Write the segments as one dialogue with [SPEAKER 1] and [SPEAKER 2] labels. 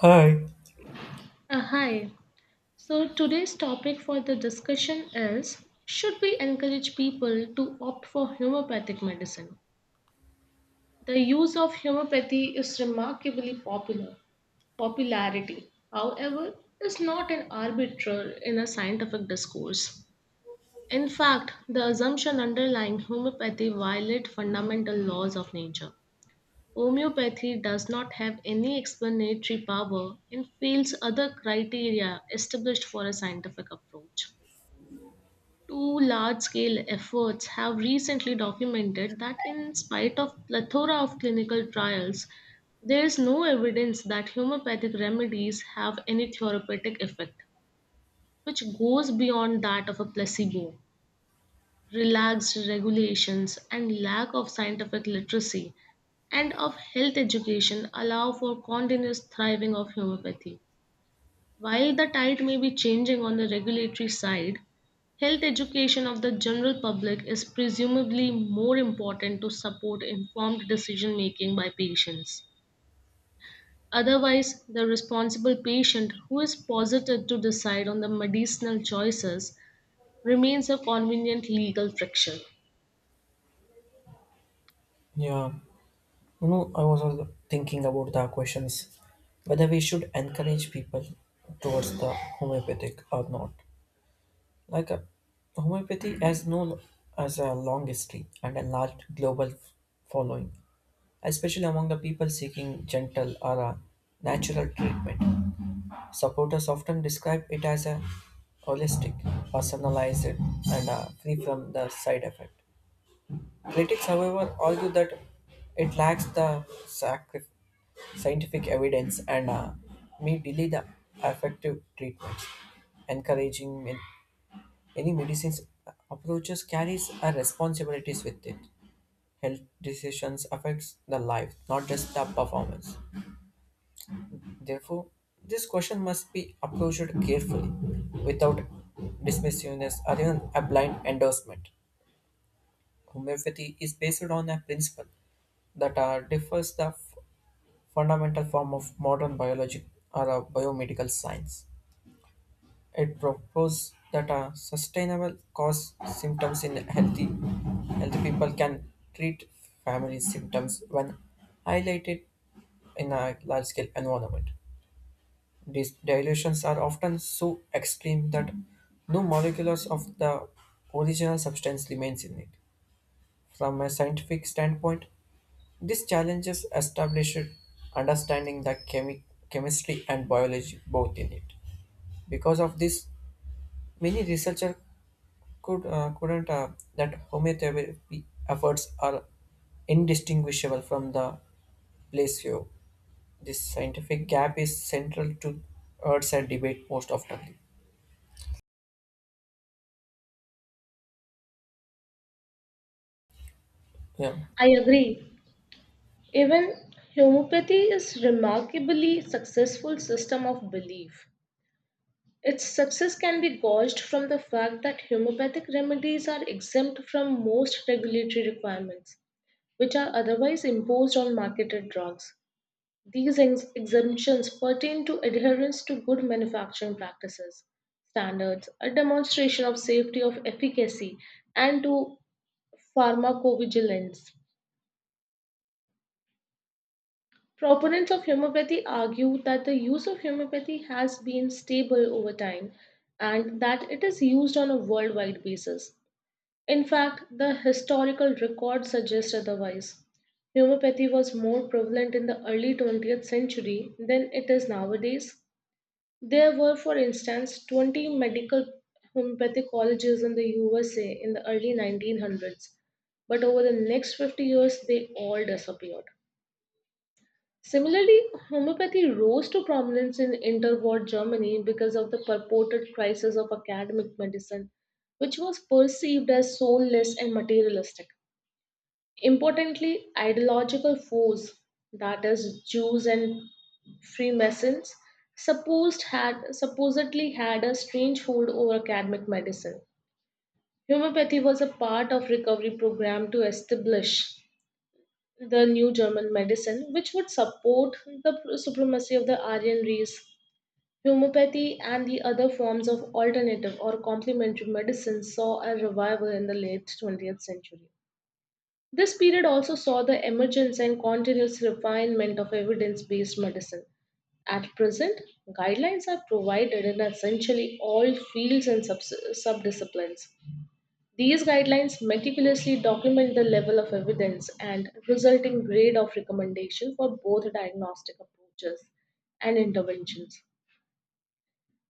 [SPEAKER 1] Hi.
[SPEAKER 2] Hi. So today's topic for the discussion is should we encourage people to opt for homeopathic medicine? The use of homeopathy is remarkably popular. Popularity, however, is not an arbiter in a scientific discourse. In fact, the assumption underlying homeopathy violates fundamental laws of nature. Homeopathy does not have any explanatory power and fails other criteria established for a scientific approach. Two large scale efforts have recently documented that, in spite of plethora of clinical trials, there is no evidence that homeopathic remedies have any therapeutic effect, which goes beyond that of a placebo relaxed regulations, and lack of scientific literacy and of health education allow for continuous thriving of homeopathy. While the tide may be changing on the regulatory side, health education of the general public is presumably more important to support informed decision making by patients. Otherwise, the responsible patient who is posited to decide on the medicinal choices remains a convenient legal friction.
[SPEAKER 1] Yeah. I was also thinking about the questions whether we should encourage people towards the homeopathic or not. Like, homeopathy has no as a long history and a large global following, especially among the people seeking gentle or natural treatment. Supporters often describe it as a holistic, personalized, and free from the side effect. Critics, however, argue that it lacks the scientific evidence and may delay the effective treatments. Encouraging any medicines approaches carries a responsibilities with it. Health decisions affects the life, not just the performance. Therefore, this question must be approached carefully, without dismissiveness or even a blind endorsement. Homeopathy is based on a principle that differs the fundamental form of modern biology or a biomedical science. It proposes that a sustainable cause symptoms in healthy people can treat family symptoms when highlighted in a large scale environment. These dilutions are often so extreme that no molecules of the original substance remains in it. From a scientific standpoint, these challenges established understanding the chemistry and biology both in it. Because of this, many researchers couldn't, that homeotherapy efforts are indistinguishable from the placebo. This scientific gap is central to Earth's debate most often. Yeah.
[SPEAKER 2] I agree. Even homeopathy is remarkably successful system of belief. Its success can be gauged from the fact that homeopathic remedies are exempt from most regulatory requirements, which are otherwise imposed on marketed drugs. These exemptions pertain to adherence to good manufacturing practices, standards, a demonstration of safety of efficacy, and to pharmacovigilance. Proponents of homeopathy argue that the use of homeopathy has been stable over time and that it is used on a worldwide basis. In fact, the historical record suggests otherwise. Homeopathy was more prevalent in the early 20th century than it is nowadays. There were, for instance, 20 medical homeopathic colleges in the USA in the early 1900s, but over the next 50 years they all disappeared. Similarly, homeopathy rose to prominence in interwar Germany because of the purported crisis of academic medicine, which was perceived as soulless and materialistic. Importantly, ideological foes, that is, Jews and Freemasons, supposedly had a strange hold over academic medicine. Homeopathy was a part of recovery program to establish the new German medicine, which would support the supremacy of the Aryan race. Homeopathy and the other forms of alternative or complementary medicine saw a revival in the late 20th century. This period also saw the emergence and continuous refinement of evidence based medicine. At present, guidelines are provided in essentially all fields and subdisciplines. These guidelines meticulously document the level of evidence and resulting grade of recommendation for both diagnostic approaches and interventions.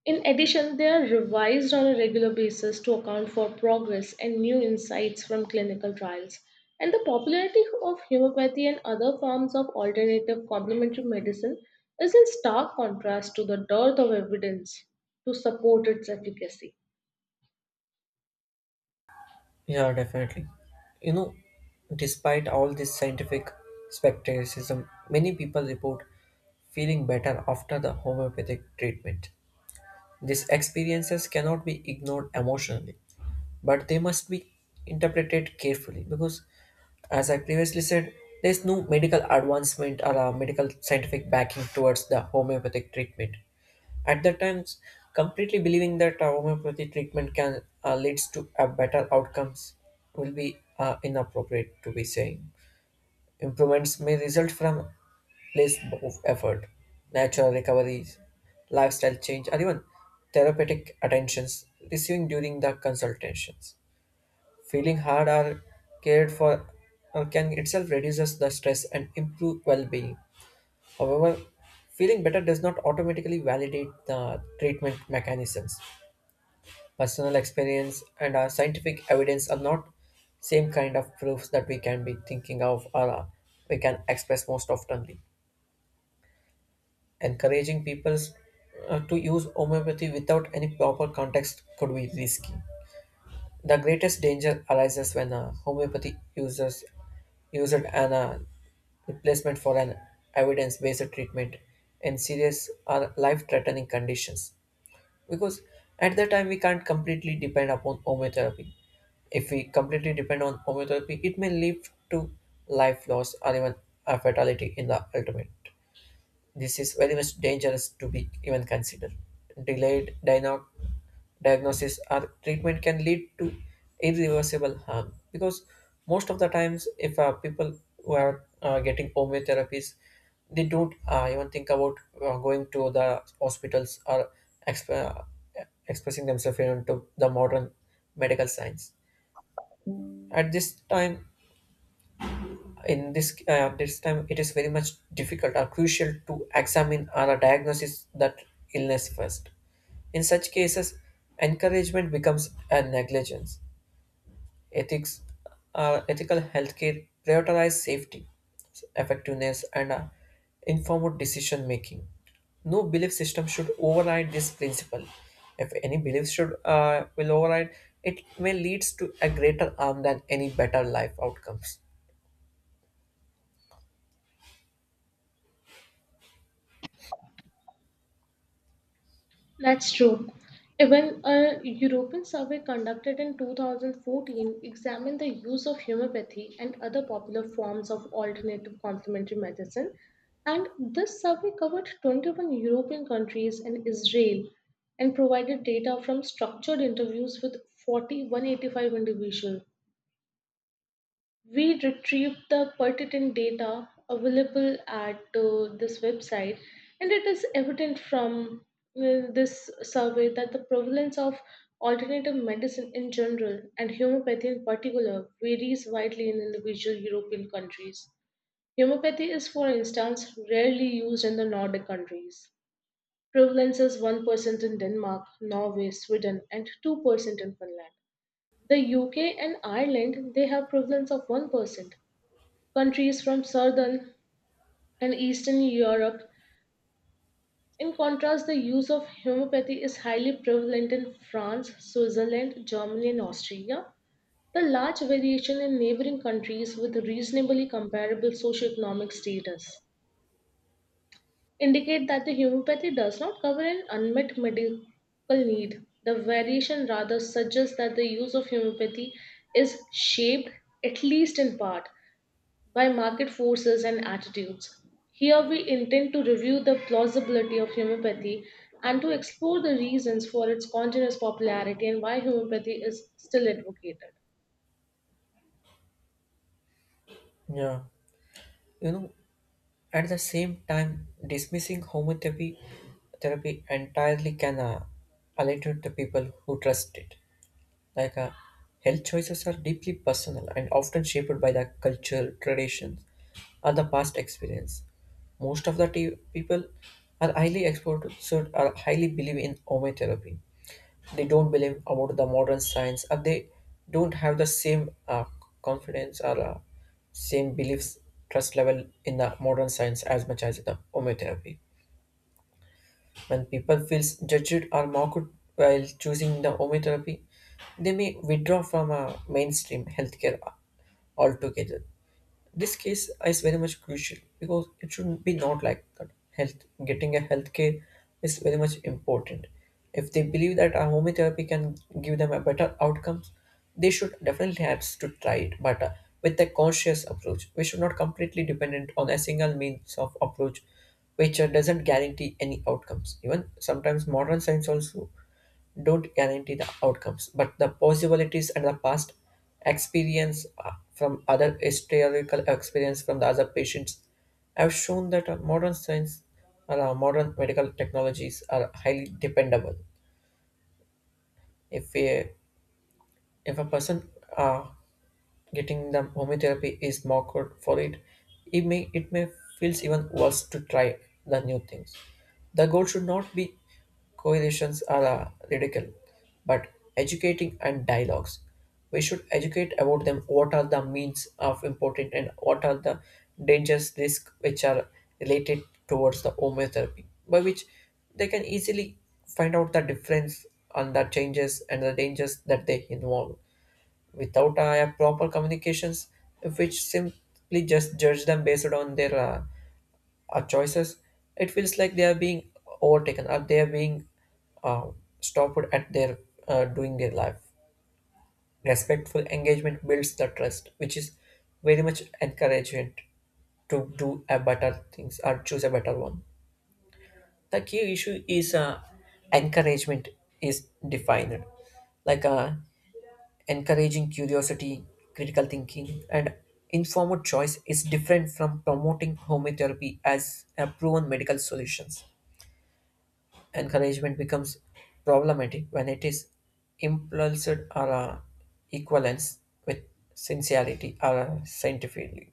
[SPEAKER 2] In addition, they are revised on a regular basis to account for progress and new insights from clinical trials. And the popularity of homeopathy and other forms of alternative complementary medicine is in stark contrast to the dearth of evidence to support its efficacy.
[SPEAKER 1] Yeah, definitely. You know, despite all this scientific skepticism, many people report feeling better after the homeopathic treatment. These experiences cannot be ignored emotionally, but they must be interpreted carefully because, as I previously said, there is no medical advancement or a medical scientific backing towards the homeopathic treatment at that time. Completely believing that homeopathy treatment can leads to a better outcomes will be inappropriate to be saying. Improvements may result from place of effort, natural recoveries, lifestyle change, or even therapeutic attentions receiving during the consultations. Feeling hard or cared for, can itself reduces the stress and improve well-being. However, feeling better does not automatically validate the treatment mechanisms. Personal experience and our scientific evidence are not same kind of proofs that we can be thinking of, or we can express most oftenly. Encouraging people, to use homeopathy without any proper context could be risky. The greatest danger arises when a homeopathy uses used an replacement for an evidence-based treatment in serious or life-threatening conditions, because at that time we can't completely depend upon homeotherapy. If we completely depend on homeotherapy, it may lead to life loss or even a fatality in the ultimate. This is very much dangerous to be even considered. Delayed diagnosis or treatment can lead to irreversible harm, because most of the times if people who are getting homeo therapies, they don't even think about going to the hospitals or exp- uh, expressing themselves into the modern medical science at this time. In this time it is very much difficult or crucial to examine or diagnose that illness first. In such cases, encouragement becomes a negligence. Ethics are ethical healthcare prioritize safety, effectiveness, and informed decision making. No belief system should override this principle. If any belief should will override, it may leads to a greater harm than any better life outcomes.
[SPEAKER 2] That's true. Even a European survey conducted in 2014 examined the use of homeopathy and other popular forms of alternative complementary medicine. And this survey covered 21 European countries and Israel and provided data from structured interviews with 4,185 individuals. We retrieved the pertinent data available at this website, and it is evident from this survey that the prevalence of alternative medicine in general and homeopathy in particular varies widely in individual european countries. Homeopathy is, for instance, rarely used in the nordic countries. Prevalence is 1% in denmark, norway, sweden, and 2% in finland. The UK and Ireland, they have prevalence of 1%, countries from southern and eastern Europe. In contrast, the use of homeopathy is highly prevalent in France, Switzerland, Germany, and Austria. The large variation in neighboring countries with reasonably comparable socioeconomic status indicate that the homeopathy does not cover an unmet medical need. The variation rather suggests that the use of homeopathy is shaped, at least in part, by market forces and attitudes. Here we intend to review the plausibility of homeopathy and to explore the reasons for its continuous popularity and why homeopathy is still advocated.
[SPEAKER 1] Yeah, you know, at the same time, dismissing homotherapy therapy entirely can alienate the people who trust it. Like, health choices are deeply personal and often shaped by the culture, traditions, and the past experience. Most of the people are highly exposed or highly believe in homeotherapy. They don't believe about the modern science, or they don't have the same confidence or same beliefs, trust level in the modern science as much as the homeotherapy. When people feel judged or mocked while choosing the homeopathy, they may withdraw from a mainstream healthcare altogether. This case is very much crucial because it shouldn't be not like that. Health getting a health care is very much important. If they believe that a homeotherapy can give them a better outcomes, they should definitely have to try it, but with a conscious approach we should not completely dependent on a single means of approach which doesn't guarantee any outcomes. Even sometimes modern science also don't guarantee the outcomes, but the possibilities and the past experience from other historical experience from the other patients have shown that modern science or modern medical technologies are highly dependable. If a, if a person uh, getting the homeotherapy is mocked for it, it may feels even worse to try the new things. The goal should not be correlations are radical, but educating and dialogues. We should educate about them. What are the means of important and what are the dangers, risk which are related towards the homeotherapy, by which they can easily find out the difference on the changes and the dangers that they involve without proper communications, which simply just judge them based on their choices. It feels like they are being overtaken or they are being uh, stopped at their doing their life. Respectful engagement builds the trust, which is very much encouragement to do a better things or choose a better one. The key issue is encouragement is defined. Like, encouraging curiosity, critical thinking, and informed choice is different from promoting homeotherapy as a proven medical solutions. Encouragement becomes problematic when it is impulsed or equivalence with sincerity or scientifically.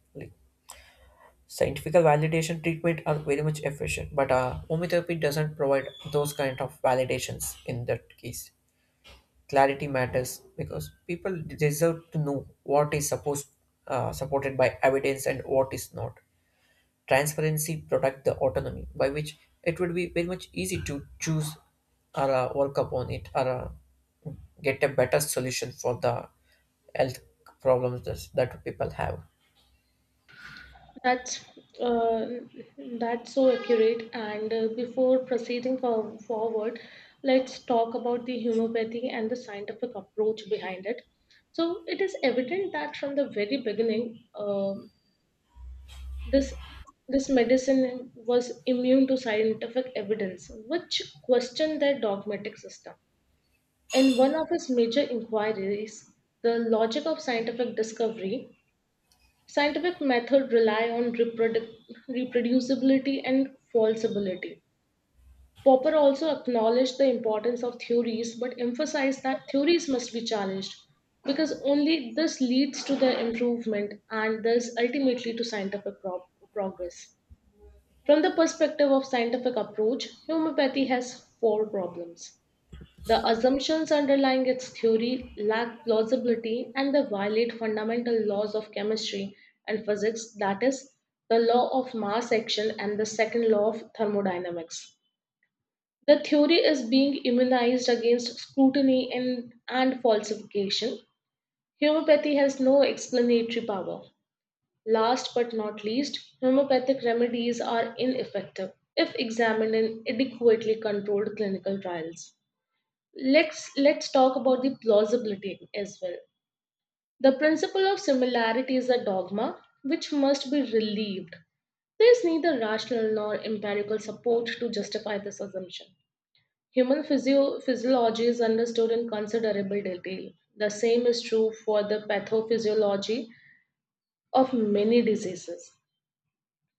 [SPEAKER 1] Scientific validation treatment are very much efficient, but homeotherapy doesn't provide those kind of validations in that case. Clarity matters because people deserve to know what is supposed supported by evidence and what is not. Transparency protect the autonomy, by which it would be very much easy to choose or work upon it or get a better solution for the health problems that people have.
[SPEAKER 2] That's uh, that's so accurate. And before proceeding forward, let's talk about the homeopathy and the scientific approach behind it. So it is evident that from the very beginning, This this medicine was immune to scientific evidence, which questioned their dogmatic system. In one of his major inquiries, the logic of scientific discovery, scientific method rely on reproducibility and falsibility. Popper also acknowledged the importance of theories but emphasized that theories must be challenged because only this leads to their improvement and thus ultimately to scientific progress. From the perspective of scientific approach, homeopathy has four problems. The assumptions underlying its theory lack plausibility and they violate fundamental laws of chemistry and physics, that is, the law of mass action and the second law of thermodynamics. The theory is being immunized against scrutiny and falsification. Homeopathy has no explanatory power. Last but not least, homeopathic remedies are ineffective if examined in adequately controlled clinical trials. Let's talk about the plausibility as well. The principle of similarity is a dogma which must be relieved. There is neither rational nor empirical support to justify this assumption. Human physiology is understood in considerable detail. The same is true for the pathophysiology of many diseases.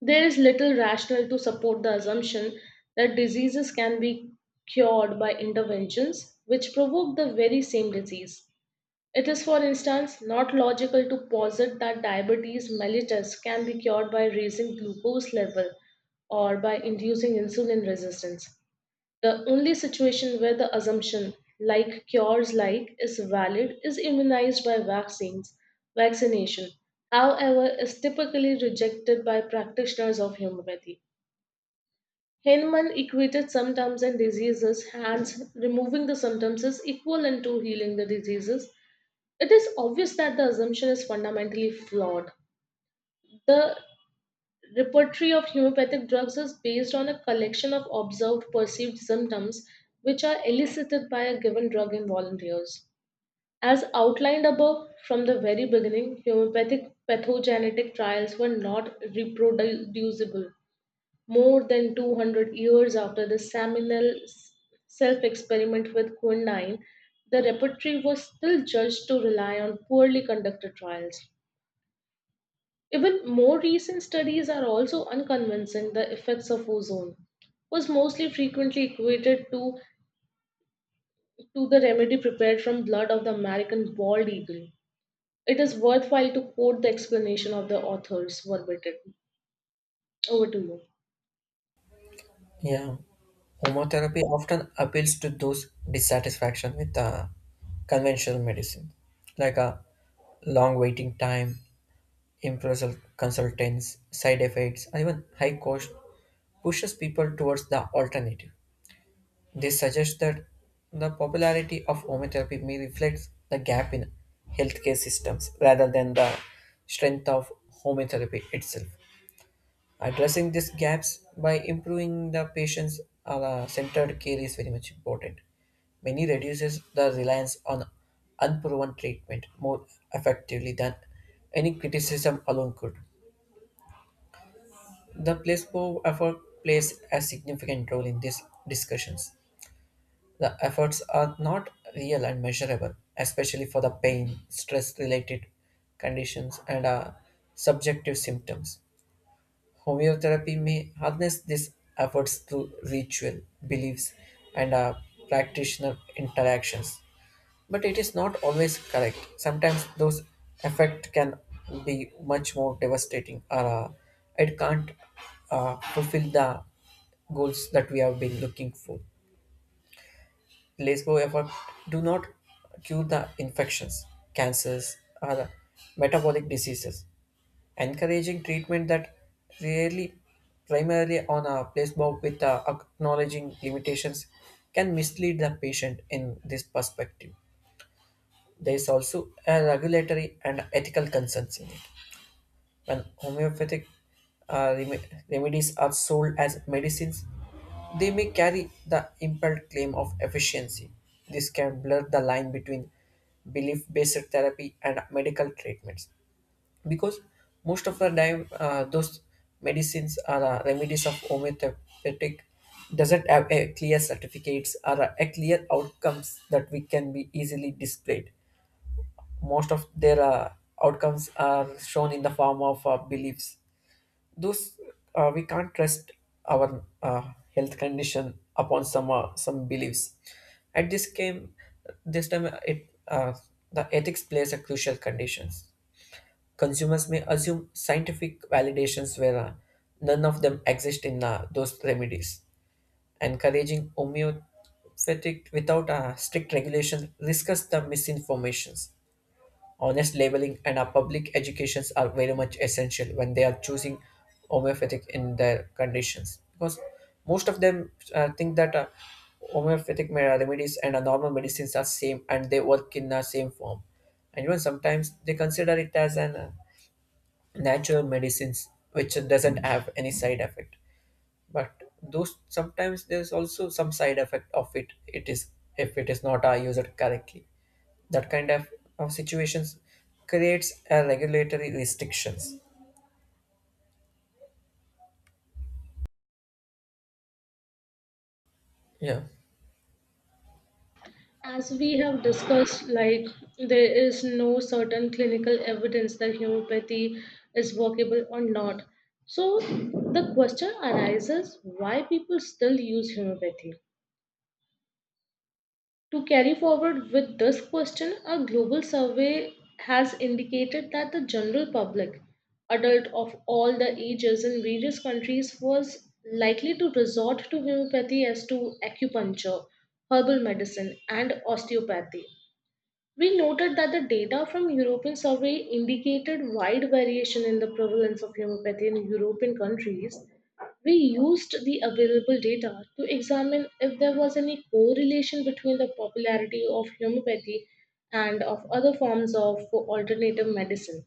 [SPEAKER 2] There is little rationale to support the assumption that diseases can be cured by interventions which provoke the very same disease. It is, for instance, not logical to posit that diabetes mellitus can be cured by raising glucose level or by inducing insulin resistance. The only situation where the assumption like cures like is valid is immunized by vaccines. Vaccination, however, is typically rejected by practitioners of homeopathy. Hahnemann equated symptoms and diseases, hence, removing the symptoms is equivalent to healing the diseases. It is obvious that the assumption is fundamentally flawed. The Repertory of homeopathic drugs is based on a collection of observed perceived symptoms which are elicited by a given drug in volunteers. As outlined above, from the very beginning, homeopathic pathogenetic trials were not reproducible more than 200 years after the seminal self experiment with quinine, the repertory was still judged to rely on poorly conducted trials. Even more recent studies are also unconvincing. The effects of ozone was mostly frequently equated to the remedy prepared from blood of the American bald eagle. It is worthwhile to quote the explanation of the authors verbatim. Over to you.
[SPEAKER 1] Yeah, homotherapy often appeals to those dissatisfaction with conventional medicine, like a long waiting time, impartial consultants, side effects, and even high cost pushes people towards the alternative. This suggests that the popularity of homeopathy may reflect the gap in healthcare systems rather than the strength of homeopathy itself. Addressing these gaps by improving the patient's centered care is very much important. Many reduces the reliance on unproven treatment more effectively than any criticism alone could. The placebo effort plays a significant role in these discussions. The efforts are not real and measurable, especially for the pain, stress related conditions, and subjective symptoms. Homeotherapy may harness these efforts through ritual, beliefs, and practitioner interactions. But it is not always correct. Sometimes those effects can be much more devastating, or it can't fulfill the goals that we have been looking for. Placebo effect do not cure the infections, cancers, or the metabolic diseases. Encouraging treatment that rarely primarily on a placebo with acknowledging limitations can mislead the patient in this perspective. There is also a regulatory and ethical concerns in it. When homeopathic uh, rem- remedies are sold as medicines, they may carry the impelled claim of efficiency. This can blur the line between belief based therapy and medical treatments, because most of the time those medicines or remedies of homeopathic doesn't have a clear certificates or a clear outcomes that we can be easily displayed. Most of their outcomes are shown in the form of beliefs. Those, we can't trust our uh, health condition upon some beliefs. At this game this time it, uh, the ethics plays a crucial conditions. Consumers may assume scientific validations where none of them exist in those remedies. Encouraging homeopathic without strict regulation risks the misinformations. Honest labeling and public educations are very much essential when they are choosing homeopathic in their conditions, because most of them think that homeopathic remedies and normal medicines are same and they work in the same form. And even sometimes they consider it as an natural medicines which doesn't have any side effect. But those, sometimes there's also some side effect of it. It is, if it is not used correctly, that kind of situations creates a regulatory restrictions. Yeah.
[SPEAKER 2] As we have discussed, like, there is no certain clinical evidence that homeopathy is workable or not. So the question arises why people still use homeopathy. To carry forward with this question, a global survey has indicated that the general public, adult of all the ages in various countries, was likely to resort to homeopathy as to acupuncture, herbal medicine, and osteopathy. We noted that the data from European survey indicated wide variation in the prevalence of homeopathy in European countries. We used the available data to examine if there was any correlation between the popularity of homeopathy and of other forms of alternative medicine.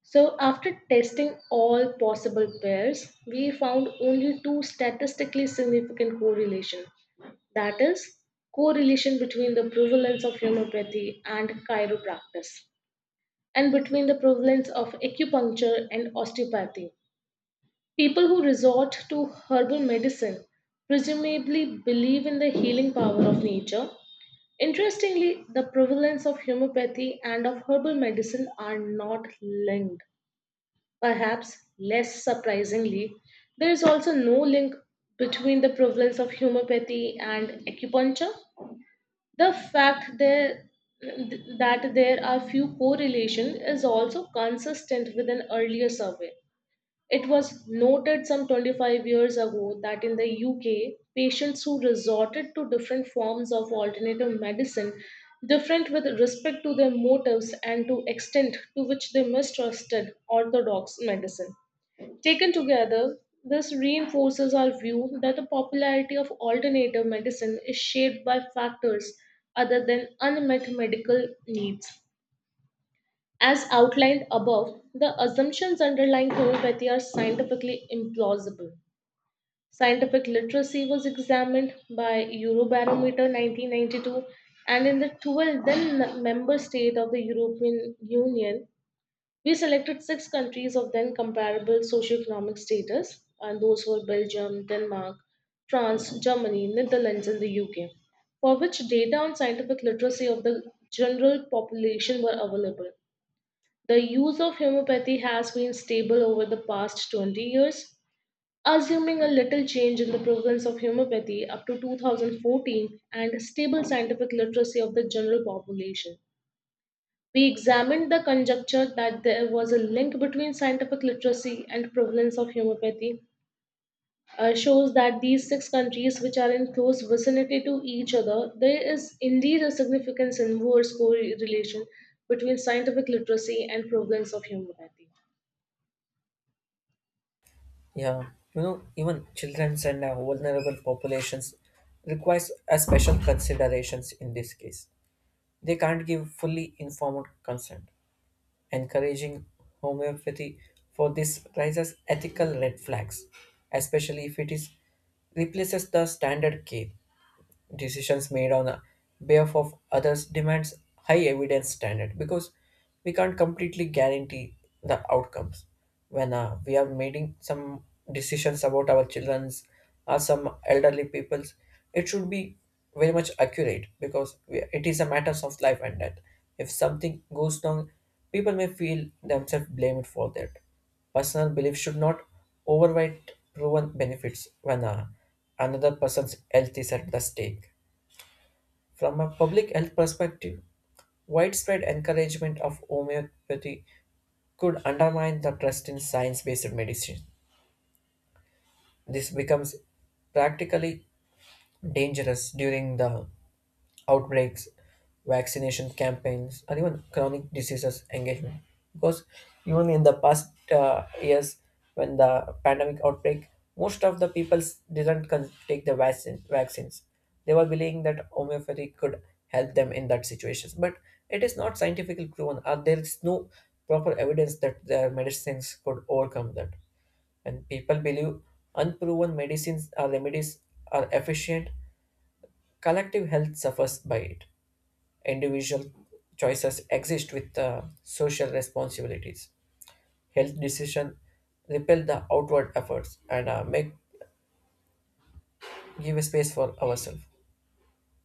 [SPEAKER 2] So, after testing all possible pairs, we found only two statistically significant correlation. That is, correlation between the prevalence of homeopathy and chiropractic, and between the prevalence of acupuncture and osteopathy. People who resort to herbal medicine presumably believe in the healing power of nature. Interestingly, the prevalence of homeopathy and of herbal medicine are not linked. Perhaps less surprisingly, there is also no link between the prevalence of homeopathy and acupuncture. The fact there, that there are few correlation is also consistent with an earlier survey. It was noted some 25 years ago that in the UK, patients who resorted to different forms of alternative medicine, different with respect to their motives and to extent to which they mistrusted orthodox medicine. Taken together, this reinforces our view that the popularity of alternative medicine is shaped by factors other than unmet medical needs. As outlined above, the assumptions underlying homeopathy are scientifically implausible. Scientific literacy was examined by Eurobarometer 1992, and in the 12 then member state of the European Union, we selected six countries of then comparable socioeconomic status, and those were Belgium, Denmark, France, Germany, Netherlands, and the UK, for which data on scientific literacy of the general population were available. The use of homeopathy has been stable over the past 20 years. Assuming a little change in the prevalence of homeopathy up to 2014 and stable scientific literacy of the general population. We examined the conjecture that there was a link between scientific literacy and prevalence of homeopathy. Shows that these six countries, which are in close vicinity to each other, there is indeed a significant inverse correlation between scientific literacy and prevalence of homeopathy.
[SPEAKER 1] Yeah you know even children's and vulnerable populations requires a special considerations in this case. They can't give fully informed consent. Encouraging homeopathy for this raises ethical red flags, especially if it is replaces the standard care. Decisions made on the behalf of others demands high evidence standard, because we can't completely guarantee the outcomes when we are making some decisions about our children's or some elderly people's. It should be very much accurate because, we, it is a matter of life and death. If something goes wrong, people may feel themselves blamed for that. Personal belief should not overweight proven benefits when another person's health is at the stake. From a public health perspective, widespread encouragement of homeopathy could undermine the trust in science based medicine. This becomes practically dangerous during the outbreaks, vaccination campaigns, or even chronic diseases engagement. Because even in the past years, when the pandemic outbreak, most of the people didn't take the vaccines. They were believing that homeopathy could help them in that situation. But it is not scientifically proven, or there is no proper evidence that their medicines could overcome that. When people believe unproven medicines or remedies are efficient, collective health suffers by it. Individual choices exist with social responsibilities. Health decision repel the outward efforts and make give space for ourselves.